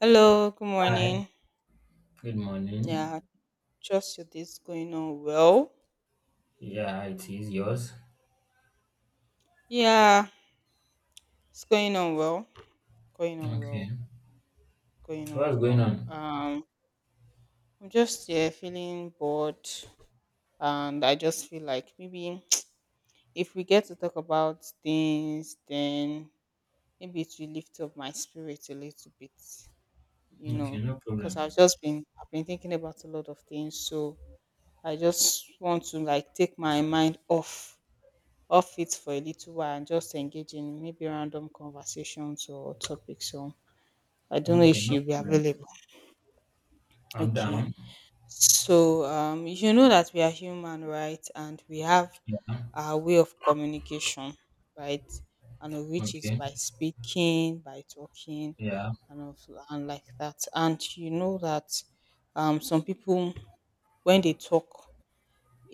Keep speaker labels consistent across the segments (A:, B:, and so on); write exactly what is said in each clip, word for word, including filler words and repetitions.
A: Hello, good
B: Hi,
A: morning.
B: good morning.
A: Yeah, trust your day's going on well.
B: Yeah, it is yours.
A: Yeah, it's going on well. Going on
B: Okay.
A: well. Going
B: What's
A: on
B: going
A: well.
B: on?
A: Um, I'm just yeah feeling bored, and I just feel like maybe if we get to talk about things, then maybe it will lift up my spirit a little bit, you
B: Okay,
A: know,
B: no problem.
A: because I've just been I've been thinking about a lot of things, so I just want to like take my mind off off it for a little while and just engage in maybe random conversations or topics. So I don't know
B: Okay,
A: if
B: no
A: you will be
B: problem.
A: available.
B: I'm
A: Okay.
B: down.
A: So um, you know that we are human, right? And we have
B: Yeah.
A: our way of communication, right? And of which is
B: Okay.
A: by speaking, by talking,
B: Yeah.
A: and of and like that. And you know that um, some people when they talk,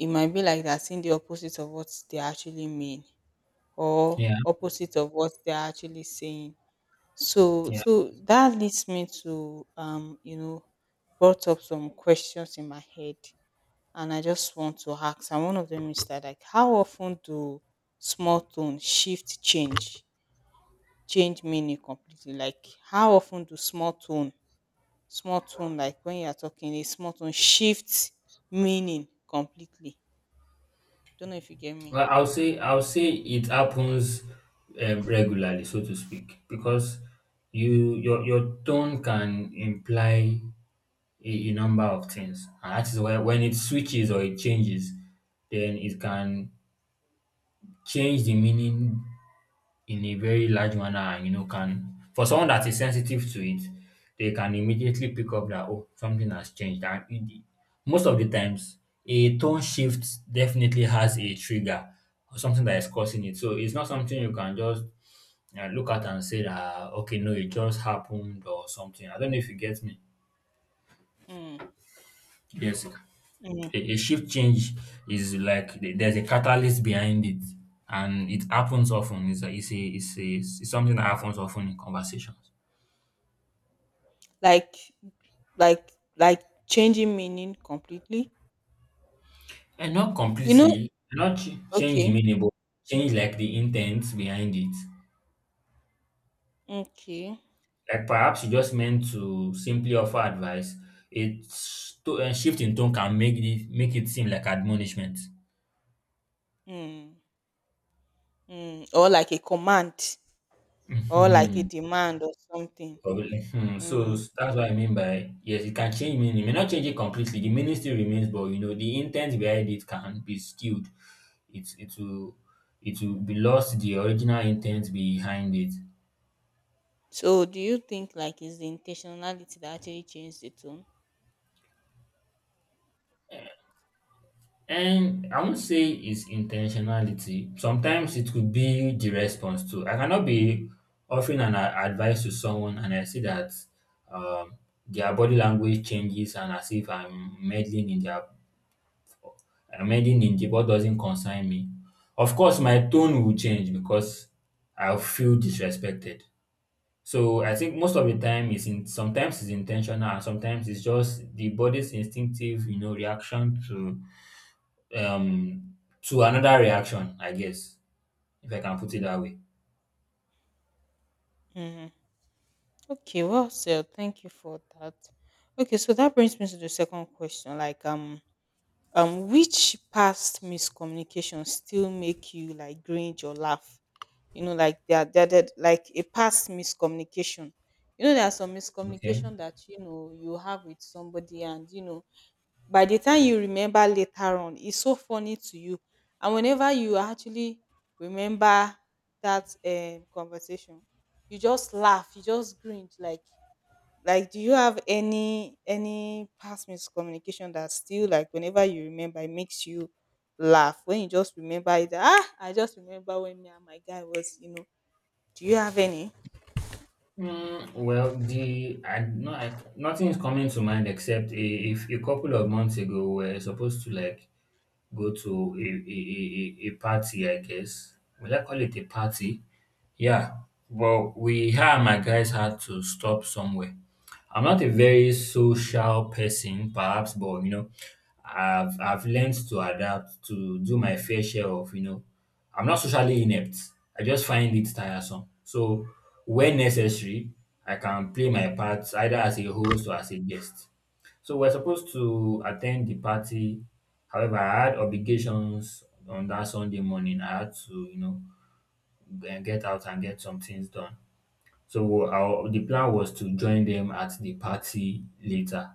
A: it might be like they're saying the opposite of what they actually mean or
B: Yeah.
A: opposite of what they are actually saying. So
B: Yeah.
A: so that leads me to um you know brought up some questions in my head, and I just want to ask, and one of them is that, like, how often do small tone shift change change meaning completely? Like, how often do small tone small tone like when you are talking a small tone shifts meaning completely? Don't know if you get me.
B: Well, I'll say I'll say it happens um, regularly, so to speak, because you your your tone can imply a, a number of things, and that is why when it switches or it changes, then it can change the meaning in a very large manner, and you know can for someone that is sensitive to it, they can immediately pick up that oh, something has changed. And it, most of the times, a tone shift definitely has a trigger or something that is causing it, so it's not something you can just uh, look at and say that uh, okay, no, it just happened or something. I don't know if you get me.
A: Mm.
B: Yes,
A: Mm.
B: a, a shift change is like the- there's a catalyst behind it, and it happens often. it's a, it's a, it's a it's something that happens often in conversations.
A: like Like like changing meaning completely?
B: And not
A: You know,
B: completely, not ch- change the
A: okay,
B: meaning, but change like the intent behind it.
A: okay.
B: Like perhaps you just meant to simply offer advice. It's to a shift in tone can make it make it seem like admonishment.
A: Mm, mm. Or like a command or like a
B: Hmm.
A: demand or something.
B: Probably. Hmm. So
A: Mm.
B: that's what I mean by yes, it can change meaning. It may not change it completely. The meaning still remains, but you know the intent behind it can be skewed. It it will it will be lost, the original intent behind it.
A: So do you think like it's the intentionality that actually changed the tone?
B: And I won't say it's intentionality. Sometimes it could be the response too. I cannot be offering an a- advice to someone and I see that um, their body language changes, and as if I'm meddling in their I'm meddling in the what doesn't concern me. Of course, my tone will change because I'll feel disrespected. So I think most of the time it's in sometimes it's intentional, and sometimes it's just the body's instinctive, you know, reaction to um to another reaction, I guess, if I can put it that way.
A: Mm. Okay, well said. Thank you for that. Okay, so that brings me to the second question. Like um um which past miscommunication still make you like cringe or laugh? You know, like they are they're, they're like a past miscommunication. You know, there are some
B: Okay.
A: miscommunication that you know you have with somebody, and you know by the time you remember later on it's so funny to you, and whenever you actually remember that um, conversation you just laugh, you just grin, like like do you have any any past miscommunication that still like whenever you remember it makes you laugh? When you just remember it, ah, I just remember when me and my guy was, you know, do you have any?
B: Mm, well, the I, no, I, nothing is coming to mind except a, if a couple of months ago we are supposed to like go to a, a, a, a a party, I guess. Will I call it a party? Yeah. Well, we, her and my guys had to stop somewhere. I'm not a very social person, perhaps, but you know, I've I've learned to adapt, to do my fair share of you know. I'm not socially inept. I just find it tiresome. So when necessary, I can play my part either as a host or as a guest. So we're supposed to attend the party. However, I had obligations on that Sunday morning. I had to, you know, g- get out and get some things done. So our the plan was to join them at the party later.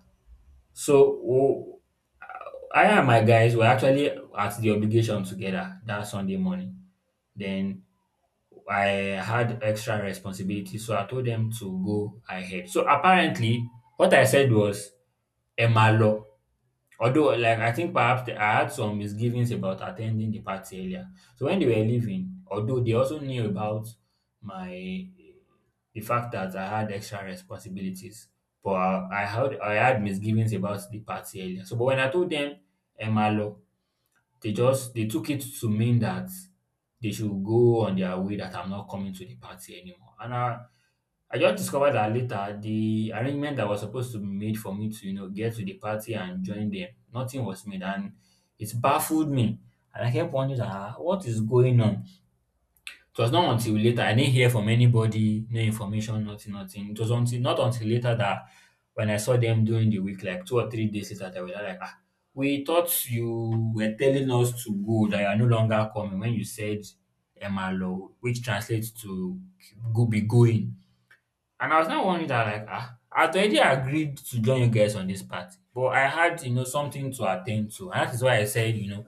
B: So w- I and my guys were actually at the obligation together that Sunday morning. Then I had extra responsibility, so I told them to go ahead. So apparently, what I said was Emma Law. Although, like, I think perhaps the, I had some misgivings about attending the party earlier. So when they were leaving, although they also knew about my the fact that I had extra responsibilities, but I, I had I had misgivings about the party earlier. So, but when I told them Emma, they just they took it to mean that they should go on their way, that I'm not coming to the party anymore. And I I just discovered that later, the arrangement that was supposed to be made for me to, you know, get to the party and join them, nothing was made, and it baffled me. And I kept wondering, ah, what is going on? It was not until later. I didn't hear from anybody, no information, nothing, nothing. It was until not until later that, when I saw them during the week, like two or three days later, they were like, ah, we thought you were telling us to go, that you are no longer coming when you said Emalo, which translates to "go, be going." And I was now wondering that, like, ah I'd already agreed to join you guys on this party, but I had you know something to attend to. And that is why I said, you know,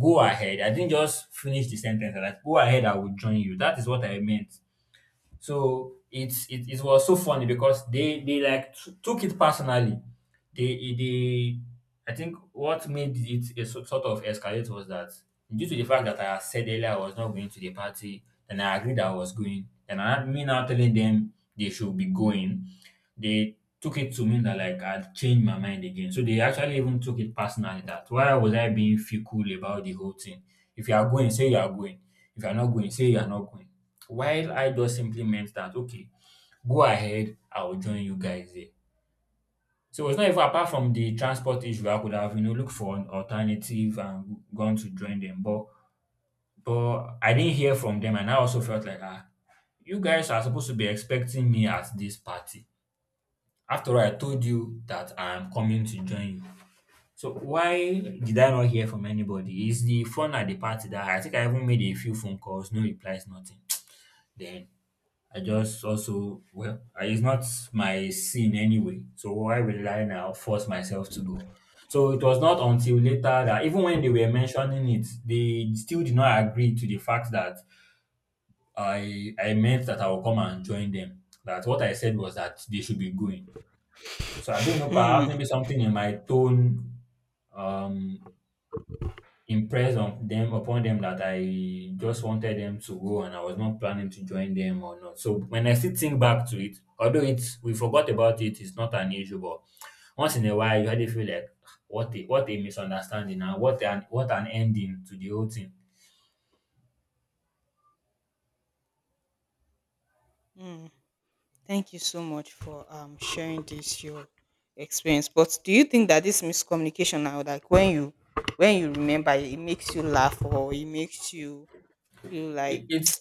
B: go ahead. I didn't just finish the sentence. I like, go ahead, I will join you. That is what I meant. So it's it, it was so funny because they they like t- took it personally. They they I think what made it a so- sort of escalate was that due to the fact that I had said earlier I was not going to the party, then I agreed I was going, and I had, me now telling them they should be going, they took it to mean that, like, I'd changed my mind again. So they actually even took it personally. That why was I being fickle about the whole thing? If you are going, say you are going. If you are not going, say you are not going. While I just simply meant that, okay, go ahead, I'll join you guys there. So it's not even, apart from the transport issue, I could have, you know, looked for an alternative and gone to join them. But but I didn't hear from them, and I also felt like, ah, you guys are supposed to be expecting me at this party. After all, I told you that I am coming to join you. So why did I not hear from anybody? Is the fun at the party? That I think, I even made a few phone calls, no replies, nothing. Then I just also, well, I- it's not my scene anyway. So why will I now force myself to go? So it was not until later that, even when they were mentioning it, they still did not agree to the fact that I I meant that I will come and join them, that what I said was that they should be going. So I don't know, perhaps
A: Mm,
B: maybe something in my tone um impressed on them upon them that I just wanted them to go and I was not planning to join them or not. So when I still think back to it, although it's, we forgot about it, it's not an issue, but once in a while you really feel like, "Ah, what a what a misunderstanding, and what an what an ending to the whole thing."
A: mm. Thank you so much for um sharing this your experience. But do you think that this miscommunication now, like when you when you remember, it it makes you laugh, or it makes you feel
B: It,
A: like,
B: it's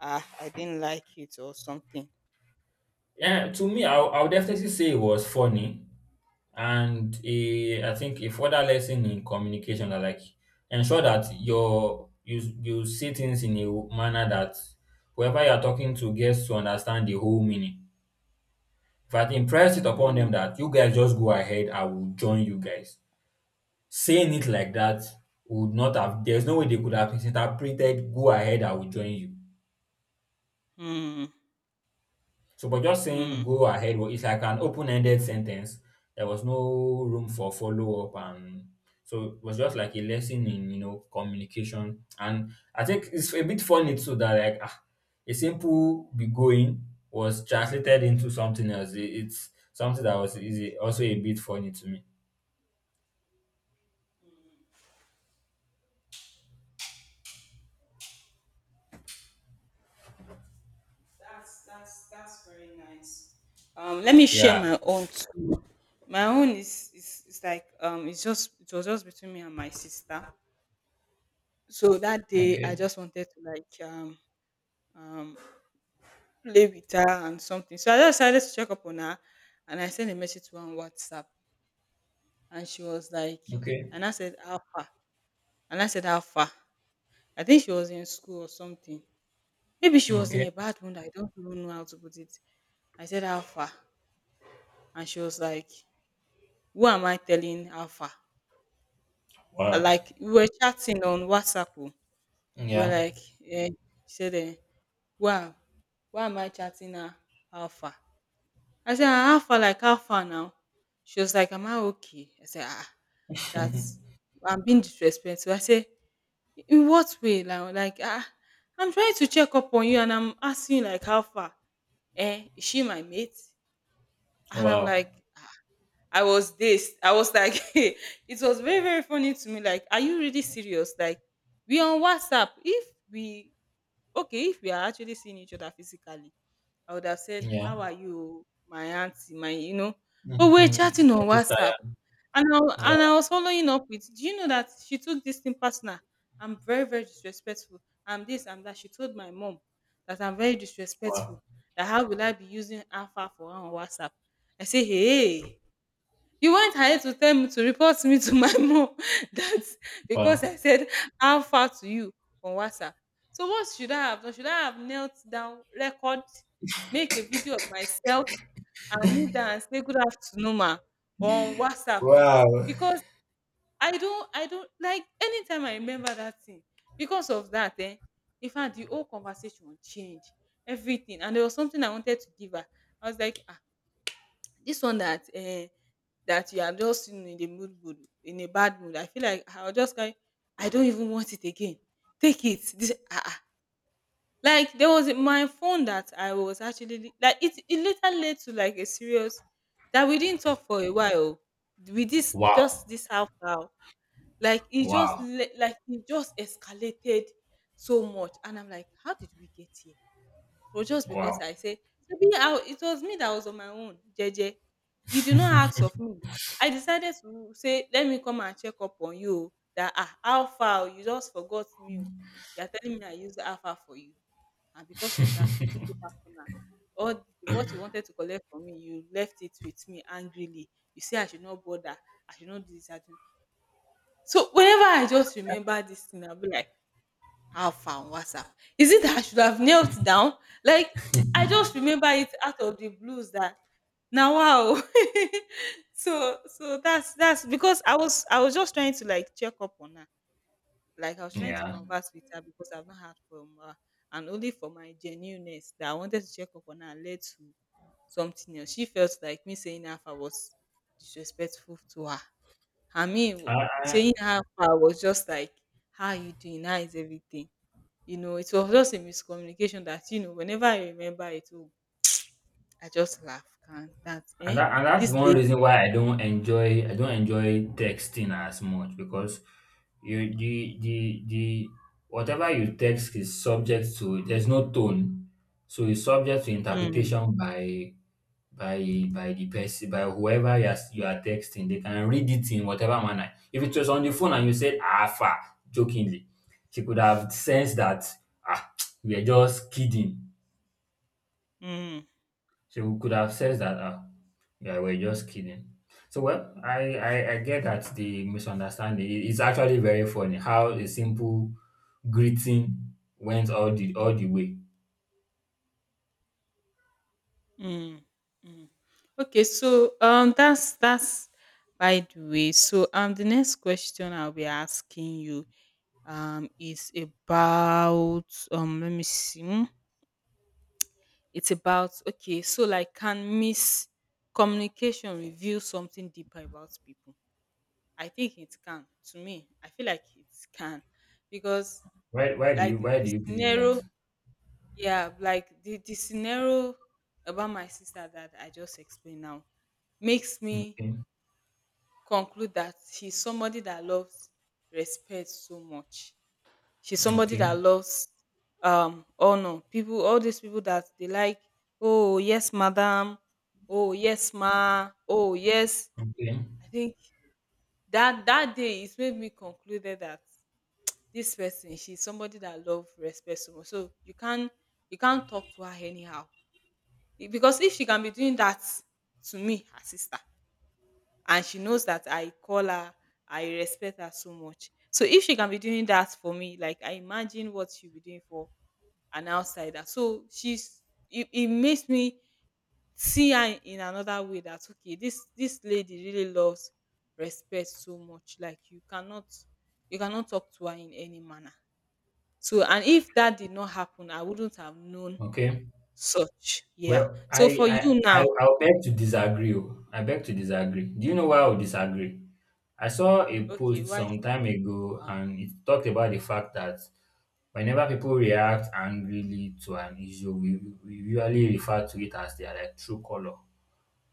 A: ah, I didn't like it or something?
B: yeah, to me I'll, I'll definitely say it was funny, and a I think a further lesson in communication are, like, ensure that your you you say things in a manner that whoever you are talking to gets to understand the whole meaning. If I impress it upon them
A: Mm,
B: that, you guys just go ahead, I will join you guys, saying it like that would not have there's no way they could have misinterpreted "go ahead, I will join you."
A: mm,
B: So, but just saying
A: mm.
B: "go ahead," wa- it's like an open-ended sentence. There was no room for follow-up, and so it was just like a lesson in, you know, communication. And I think it's a bit funny too that, like, ah, a simple "be going" was translated into something else. It- It's something that was easy, also a bit funny to me.
A: That's that's that's very nice. Um, let me share
B: Yeah.
A: my own. Too. My own is, is is like um, it's just it was just between me and my sister. So that day, I
B: Okay.
A: just wanted to like um um, play with her and something. So I just decided to check up on her, and I sent a message to her on WhatsApp, and she was like,
B: Okay.
A: and I said, how far? And I said, how far? I think she was in school or something. Maybe she was in
B: Okay.
A: a bad mood. I don't even know how to put it. I said, how far? And she was like, who am I telling how far? Uh,
B: Wow.
A: Like, we were chatting on WhatsApp. Oh. We were
B: Yeah.
A: like, eh, she said, eh, why, why am I chatting her how far? I said, "Ah, how far? Like how far now?" She was like, "Am I okay?" I said, "Ah, that's I'm being disrespectful." I said, "In what way?" Like, like ah, I'm trying to check up on you, and I'm asking you, like how far? Eh? Is she my mate? And I'm
B: Wow.
A: like, ah, I was this. I was like, it was very very funny to me. Like, are you really serious? Like, we on WhatsApp. If we okay, if we are actually seeing each other physically, I would have said,
B: Yeah.
A: "How are you, my auntie, my you know?" But we're
B: Mm-hmm.
A: chatting on WhatsApp,
B: Exercise.
A: and I, wa-
B: Yeah.
A: and I was following up with, "Do you know that she took this thing personal? I'm very very disrespectful. I'm this, I'm that." She told my mom that I'm very disrespectful.
B: Wow.
A: That how will I be using Alpha for her on WhatsApp? I say, "Hey." You went ahead to tell me, to report me to my mom that because
B: Wow.
A: I said how far to you on WhatsApp. So what should I have done? Should I have knelt down, record, make a video of myself and kneel down and say good afternoon ma on WhatsApp? Eh?
B: Wow.
A: Because I don't I don't like anytime I remember that thing, because of that, eh, in fact the whole conversation changed everything. And there was something I wanted to give her. I was like, ah, this one that um that you are just you know, in the mood mood in a bad mood, I feel like I'll just carry, I don't even want it again, take it, this ah ah, like there was my phone that I was actually like, it it later led to like a serious, that we didn't talk for a while with this
B: Wow,
A: just this half hour, like it just
B: wow,
A: le- like it just escalated so much, and I'm like, how did we get here? For just
B: wow.
A: because I say, shebi I it was me that was on my own jeje. You did not ask of me. I decided to say let me come and check up on you o, dat ah how far, you just forgot me o. You are telling me I used Alpha for you, and because of that you took it personal. All the what you wanted to collect from me you left it with me angrily. You say I should not bother, I should not do this, I should not. So whenever I just remember this thing, I will be like, how far on WhatsApp? Is it that I should have knelt down? Like I just remember it out of the blues that now wow. so so that's that's because I was I was just trying to like check up on her. Like I was trying to
B: Yeah,
A: converse with her because I've not heard from her, and only for my genuineness that I wanted to check up on her led to something else. She felt like me saying half I was disrespectful to her. I
B: I,
A: mean,
B: I,
A: saying half I was just like, how are you doing? How is everything? You know, it was just a miscommunication that, you know, whenever I remember it, oh, I just laugh. Can that
B: and
A: eh?
B: that, and that's
A: This
B: one
A: lady.
B: reason why I don't enjoy I don't enjoy texting as much, because you the the the whatever you text is subject to, there's no tone, so it's subject to
A: Mm,
B: interpretation by by by the person, by whoever you are, you are texting. They can read it in whatever manner. If it was on the phone and you said "alpha" jokingly, she could have sensed that, ah, we are just kidding.
A: mm,
B: She could have said that, ah, yeah, we're just kidding. So, well, I, I, I get that, the misunderstanding, It- it's actually very funny how a simple greeting went all the all the way.
A: mm, mm. Okay, so um that's that's by the way. So um the next question I'll be asking you um is about um let me see. Hmm, it's about okay, so like can miscommunication reveal something deeper about people? I think it can. To me, I feel like it can because
B: Why, why do you
A: like
B: why
A: the
B: do you believe that?
A: scenario, yeah, like the, the scenario about my sister that I just explained now makes me
B: Okay,
A: conclude that she's somebody that loves respect so much. She's somebody
B: okay,
A: that loves um honor. People, all these people that they like, oh yes, madam, oh yes, ma, oh yes.
B: okay,
A: I think that that day it made me concluded that this person, she's somebody that love respect so much, so you can't you can't talk to her anyhow. E- because if she can be doing that to me her sister, and she knows that I call her, I respect her so much, so if she can be doing that for me, like I imagine what she'll be doing for an outsider, so she's, it, it makes me see her in another way, that okay this this lady really loves respect so much, like you cannot you cannot talk to her in any manner. So and if that did not happen, I wouldn't have known
B: okay.
A: such. Yeah.
B: Well, I
A: So for
B: I
A: you
B: I
A: now,
B: I'll beg to disagree. Oh. I beg to disagree. Do you know why I would disagree? I saw a
A: okay,
B: post
A: why is
B: some time ago and it talked about the fact that, whenever people react angrily to an issue, we, we usually refer to it as their, like, true color.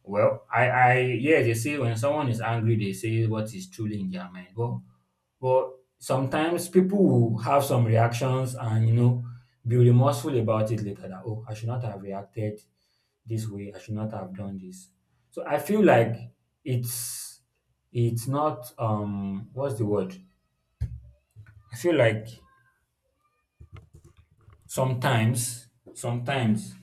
B: Well, I, I, yeah, they say when someone is angry, they say what is truly in their mind. But, but sometimes people will have some reactions and, you know, be remorseful about it later, that, oh, I should not have reacted this way. I should not have done this. So I feel like it's, it's not, um, what's the word? I feel like sometimes sometimes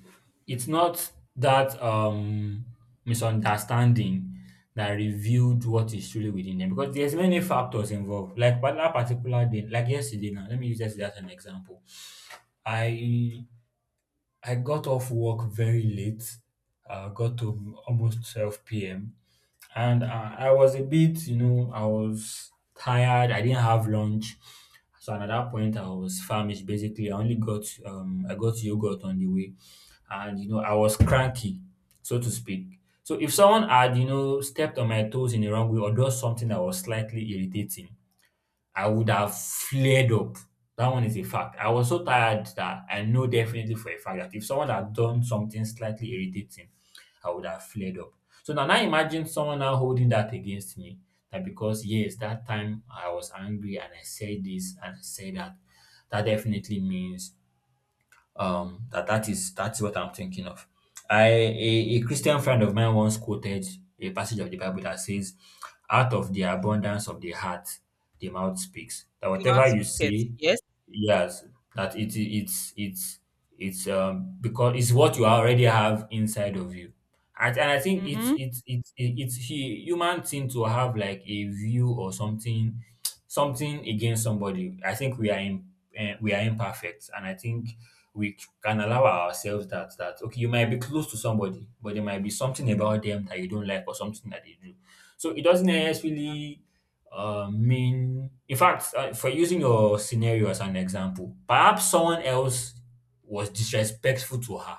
B: it's not that um misunderstanding that revealed what is truly within them, because there's many factors involved, like. But that particular day, like yesterday, now let me use yesterday as an example. I I got off work very late. Uh, got home almost twelve p m. And uh, I was a bit, you know, I was tired. I didn't have lunch. So at that point, I was famished. Basically, I only got um, I got yogurt on the way, and you know, I was cranky, so to speak. So if someone had, you know, stepped on my toes in the wrong way, or done something that was slightly irritating, I would have flared up. That one is a fact. I was so tired that I know definitely for a fact that if someone had done something slightly irritating, I would have flared up. So now, now imagine someone now holding that against me. That because, yes, that time I was angry and I said this and I said that, that definitely means um that that is that's what I'm thinking of. I a, a Christian friend of mine once quoted a passage of the Bible that says, out of the abundance of the heart the mouth speaks, that
A: the
B: whatever
A: last
B: you
A: wicket?
B: say,
A: Yes.
B: yes, that it it's it's it's um because it's what you already have inside of you. And, and I think it's
A: Mm-hmm.
B: it's it's it's hu- human thing to have like a view or something, something against somebody. I think we are in, eh, we are imperfect, and I think we can allow ourselves that that okay, you might be close to somebody, but there might be something about them that you don't like, or something that they do. So it doesn't necessarily uh, mean, in fact, uh, for using your scenario as an example, perhaps someone else was disrespectful to her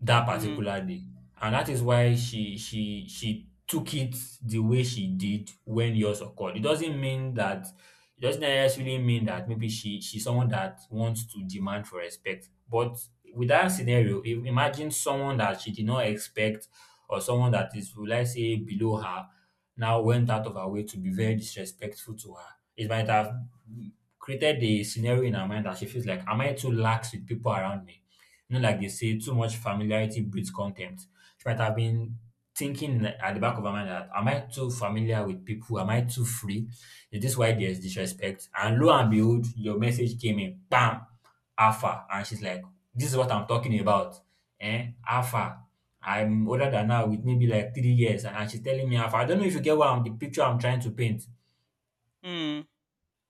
B: that
A: Mm.
B: particular day. And that is why she she she took it the way she did when yours occurred. It doesn't mean that it doesn't necessarily mean that maybe she she's someone that wants to demand for respect. But with that scenario, if, imagine someone that she did not expect, or someone that is, will I say, below her, now went out of her way to be very disrespectful to her. It might have created the scenario in her mind that she feels like, am I too lax with people around me? You know, like they say, too much familiarity breeds contempt. She might have been thinking at the back of her mind that, am I too familiar with people? Am I too free? Is this why there's disrespect? And lo and behold, your message came in, bam, alpha. And she's like, this is what I'm talking about. Eh, alpha. I'm older than her with maybe like three years, and and she's telling me alpha. I don't know if you get what I'm, the picture I'm trying to paint.
A: Mm.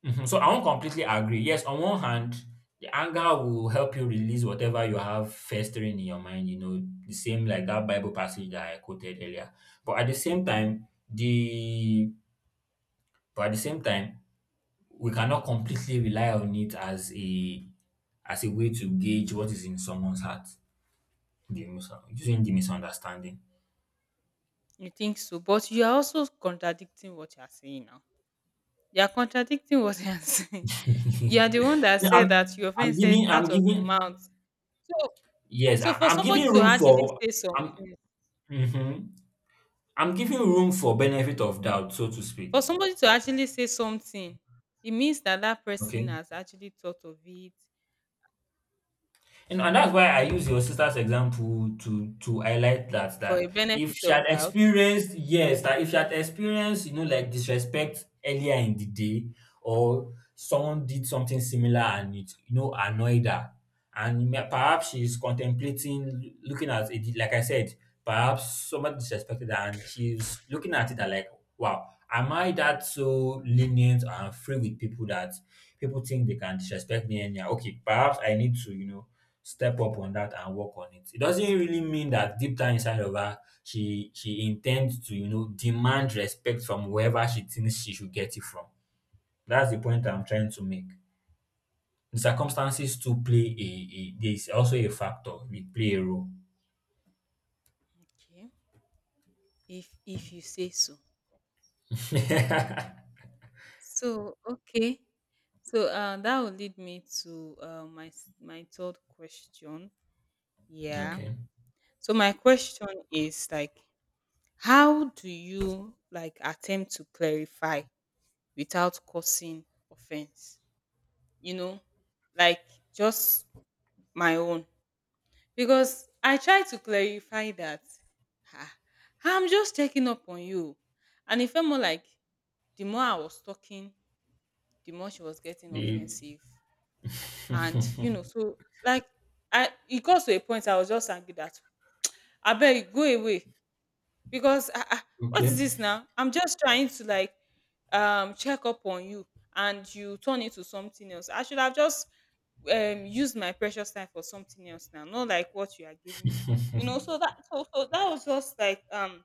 B: Mhm. So I won't completely agree. Yes, on one hand, the anger will help you release whatever you have festering in your mind, you know, the same like that Bible passage that I quoted earlier. But at the same time, the but at the same time, we cannot completely rely on it as a as a way to gauge what is in someone's heart. The mis- using the misunderstanding.
A: You think so, but you are also contradicting what you are saying now. You are contradicting what you are saying. You are the one that
B: No, I'm
A: said that your
B: I'm
A: friend said
B: giving I'm
A: out of
B: giving
A: the mouth. So
B: yes, I,
A: so for
B: I'm
A: somebody
B: giving
A: to
B: room
A: actually
B: for
A: say
B: I'm
A: something,
B: mhm. I'm giving room for benefit of doubt, so to speak.
A: for somebody to actually say something, it means that that person
B: Okay.
A: has actually thought of it
B: And, and that's why I use your sister's example to to highlight that
A: for a
B: that if
A: benefit
B: she had
A: of doubt.
B: experienced, yes, that if she had experienced, you know, like disrespect earlier in the day, or someone did something similar and it, you know, annoyed her. And may- perhaps she's contemplating, looking at it, like I said, perhaps somebody disrespected her and she's looking at it and like, wow, am I that so lenient and free with people that people think they can disrespect me anyhow? Okay, perhaps I need to, you know, step up on that and work on it. It doesn't really mean that deep down inside of her, she she intends to, you know, demand respect from whoever she thinks she should get it from. That's the point I'm trying to make. The circumstances to play a, a there's also a factor. They play a role.
A: Okay. If if you say so, no problem. So okay. So uh, that will lead me to uh, my s- my third question. Yeah.
B: Okay.
A: So my question is like, how do you like attempt to clarify without causing offense? You know, like just my own, because I try to clarify that, "Ah, I'm just checking up on you," and it felt more like the more I was talking the more she was getting
B: The
A: offensive. And you know, so like I it got to a point I was just angry that I beg go away because ah, ah, what is
B: Okay.
A: this now? I'm just trying to like um check up on you, and you turn into something else. I should have just um used my precious time for something else now, not like what you are giving me. You know, so that so so that was just like um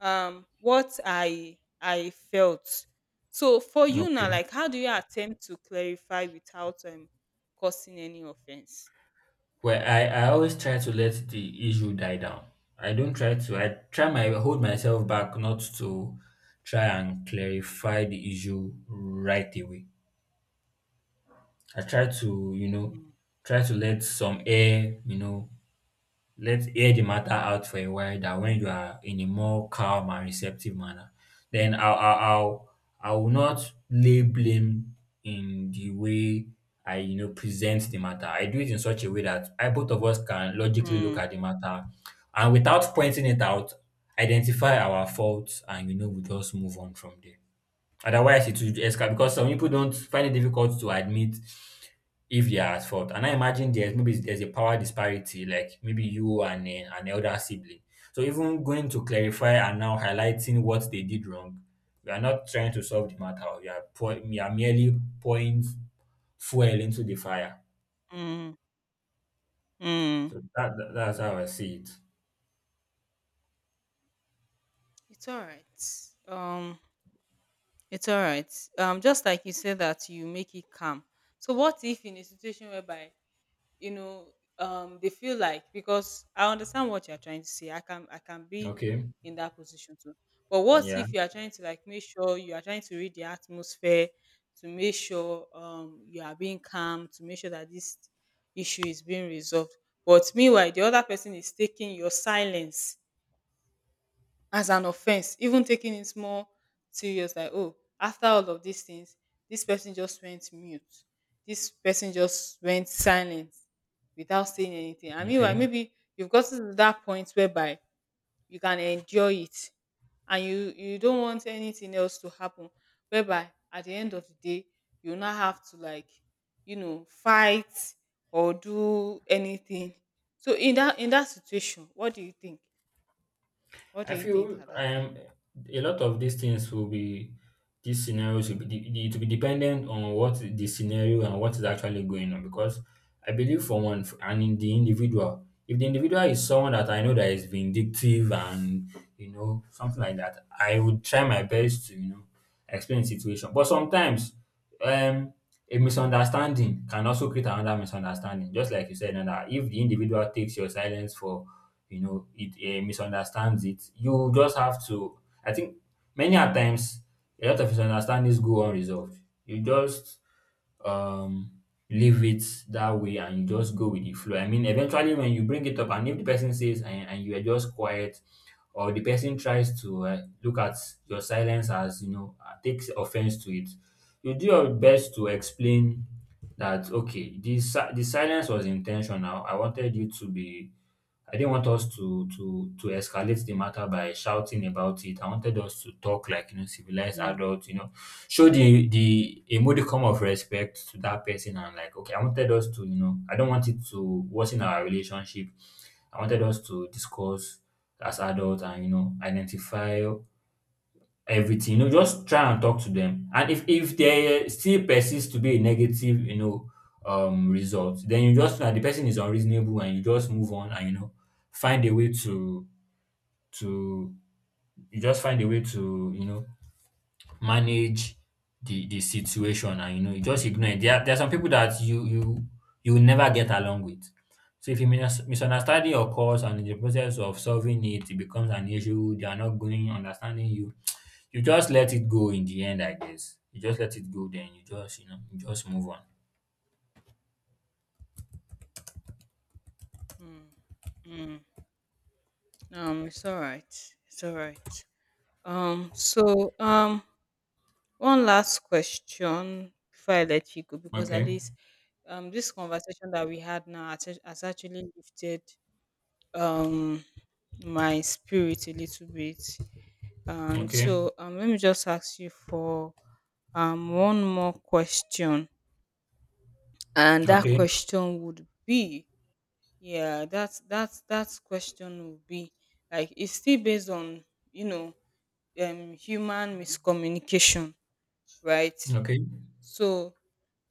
A: um what i i felt. So for you now,
B: Okay.
A: like how do you attempt to clarify without um causing any offense?
B: Well, I, I always try to let the issue die down. I don't try to. I try my hold myself back not to try and clarify the issue right away. I try to, you know,
A: Mm,
B: try to let some air, you know, let's hear the matter out for a while, that when you are in a more calm and receptive manner, then I'll, I'll, I'll I will not lay blame in the way I, you know, present the matter. I do it in such a way that I, both of us can logically look
A: mm,
B: at the matter, and without pointing it out, identify our faults, and, you know, we just move on from there. Otherwise, it will escalate because some people don't find it difficult to admit if they are at fault. And I imagine there's, maybe there's a power disparity, like maybe you and eh, an elder sibling. So even going to clarify and now highlighting what they did wrong, we are not trying to solve the matter. We are pour, we are merely pouring fuel into the fire.
A: mm, mm.
B: So that, that that's how I see it.
A: It's all right, um it's all right, um just like you said that you make it calm. So what if in a situation whereby, you know, um they feel like, because I understand what you're trying to say, I can I can be
B: Okay.
A: in that position too, but what
B: Yeah.
A: if you are trying to like make sure you are trying to read the atmosphere to make sure um you are being calm, to make sure that this issue is being resolved, but meanwhile the other person is taking your silence as an offense, even taking it more serious like, oh, after all of these things this person just went mute, this person just went silent without saying anything, and meanwhile
B: Okay.
A: maybe you've gotten to that point whereby you can endure it and you you don't want anything else to happen, whereby at the end of the day you now have to like, you know, fight or do anything, so in that in that situation what do you think, what
B: I
A: do you think
B: feel
A: at that time?
B: um a lot of these things will be, these scenarios will be de- de- it will be dependent on what the scenario, and what is actually going on, because I believe for one f- and in the individual, if the individual is someone that I know that is vindictive and, you know, something like that, I would try my best to, you know, explain the situation. But sometimes, um a misunderstanding can also create another misunderstanding, just like you said now, that if the individual takes your silence for, you know, it uh, misunderstands it. You just have to, I think many a times, a lot of misunderstandings go unresolved. You just, um leave it that way, and you just go with the flow. I mean, eventually when you bring it up, and if the person says, and, and you are just quiet, or the person tries to uh, look at your silence as, you know, uh, takes offense to it, you do your best to explain that, okay, this si-, the silence was intentional. I wanted you to be, I didn't want us to to to escalate the matter by shouting about it. I wanted us to talk like, you know, civilized adults, you know, show the, the a modicum of respect to that person, and like, okay, I wanted us to, you know, I don't want it to worsen our relationship. I wanted us to discuss as adults, and, you know, identify everything. You know, just try and talk to them. And if, if they still persist to be a negative, you know, um, result, then you just know that the person is unreasonable, and you just move on, and, you know, find a way to, to you just find a way to, you know, manage the the situation, and, you know, you just ignore it. There are, there are some people that you you you will never get along with. So if a mis- misunderstanding occurs, and in the process of solving it, it becomes an issue, they are not going understanding you. You just let it go in the end, I guess. You just let it go, then you just, you know, you just move on.
A: Mm, mm. Um, it's all right. It's all right. Um, so um, one last question before I let you go, because at
B: Okay,
A: least um, this conversation that we had now has act- has actually lifted um my spirit a little bit. And
B: okay,
A: so um, let me just ask you for um one more question, and that
B: okay,
A: question would be, yeah, that's that's that's question will be like it's still based on, you know, um human miscommunication, right?
B: okay.
A: So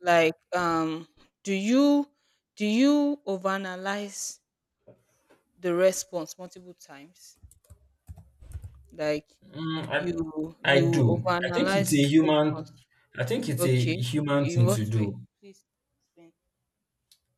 A: like um do you do you overanalyze the response multiple times, like
B: Mm,
A: you
B: I, I
A: you
B: do. I think it's
A: overanalyze
B: a human.
A: response,
B: I think it's a
A: okay,
B: human
A: in
B: thing to
A: what way,
B: do.
A: please explain?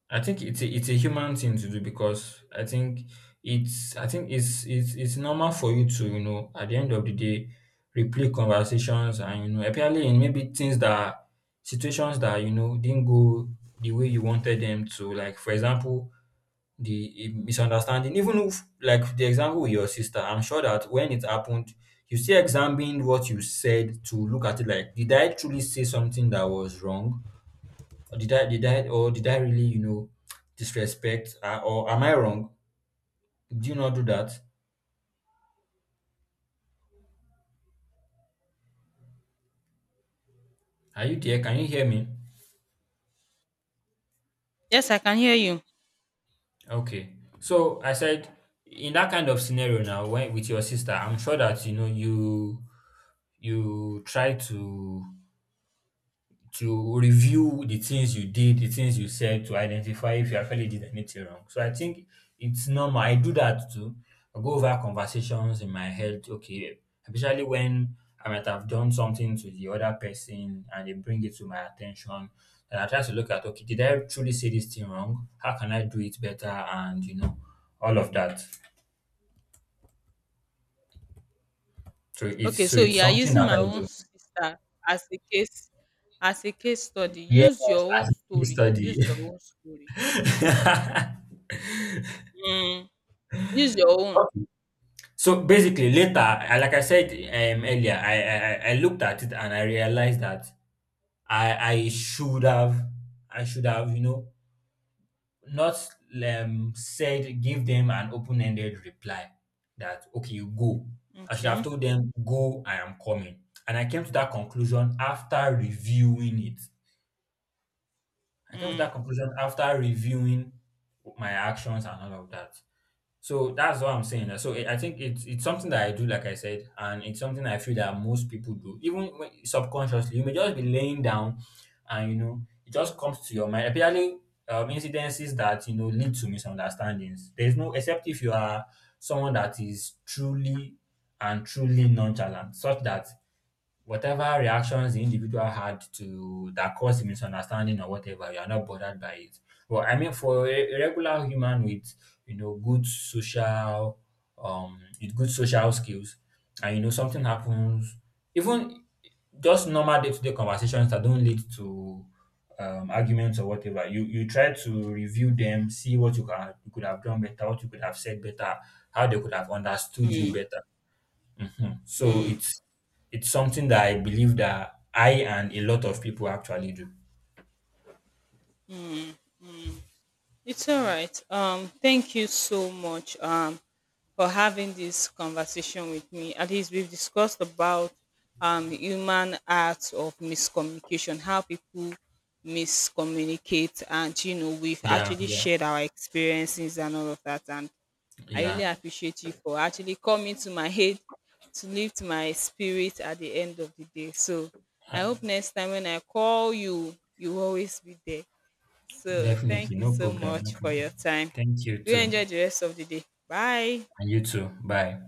B: I think it's a, it's a human thing to do, because I think it's I think it's it's it's normal for you to, you know, at the end of the day replay conversations, and, you know, apparently in maybe things that, situations that, you know, didn't go the way you wanted them to, like, for example, the eh, misunderstanding. Even if, like the example with your sister, I'm sure that when it happened you still examined what you said to look at it, like, did I truly say something that was wrong, or did I did I or did I really, you know, disrespect, uh, or am I wrong? Do you not do that? Are you there? Can you hear me?
A: Yes, I can hear you.
B: Okay. So I said, in that kind of scenario now when with your sister, I'm sure that, you know, you you try to, to review the things you did, the things you said, to identify if you actually did anything wrong. So I think it's normal. I do that too. I go over conversations in my head, okay, especially when I might have done something to the other person and they bring it to my attention. And I try to look at, okay, did I truly say this thing wrong? How can I do it better? And, you know, all of that. So it's,
A: Okay,
B: so
A: so
B: it's
A: you are
B: something
A: using
B: that
A: my
B: I
A: own
B: do.
A: sister as a case as a case study.
B: Yes,
A: Use your
B: as
A: own
B: a case
A: story.
B: study.
A: Use your own story. Mm. Use your own.
B: Okay. So basically, later, I, like I said, um, earlier, I, I I I looked at it and I realized that I I should have I should have, you know, not um said, give them an open ended reply that, okay, you go. I should have
A: Okay.
B: told them go. I am coming, and I came to that conclusion after reviewing it. I came to that
A: Mm.
B: conclusion after reviewing my actions and all of that. So that's what I'm saying. So it, I think it's it's something that I do, like I said, and it's something I feel that most people do, even when, subconsciously. You may just be laying down, and, you know, it just comes to your mind. Apparently, um, incidences that, you know, lead to misunderstandings. There's no, except if you are someone that is truly and truly nonchalant, such that whatever reactions the individual had to that caused misunderstanding or whatever, you are not bothered by it. Well, I mean, for a, a regular human with, you know, good social, um with good social skills, and, you know, something happens, even just normal day to day conversations that don't lead to um, arguments or whatever. You you try to review them, see what you can, you could have done better, what you could have said better, how they could have understood you better. Mhm. So it's it's something that I believe that I and a lot of people actually do.
A: It's all right. Um, thank you so much um for having this conversation with me. At least we've discussed about um the human art of miscommunication, how people miscommunicate, and you know we've
B: Yeah,
A: actually
B: yeah,
A: shared our experiences and all of that, and I really
B: yeah.
A: appreciate you for actually coming to my aid to lift my spirit at the end of the day. So I
B: Uh,
A: hope next time when I call you, you will always be there. So
B: Definitely,
A: thank you
B: no
A: so
B: problem, no
A: much for
B: problem.
A: your time.
B: Thank you
A: Do
B: too,
A: enjoy the rest of the day. Bye.
B: and you too. Bye.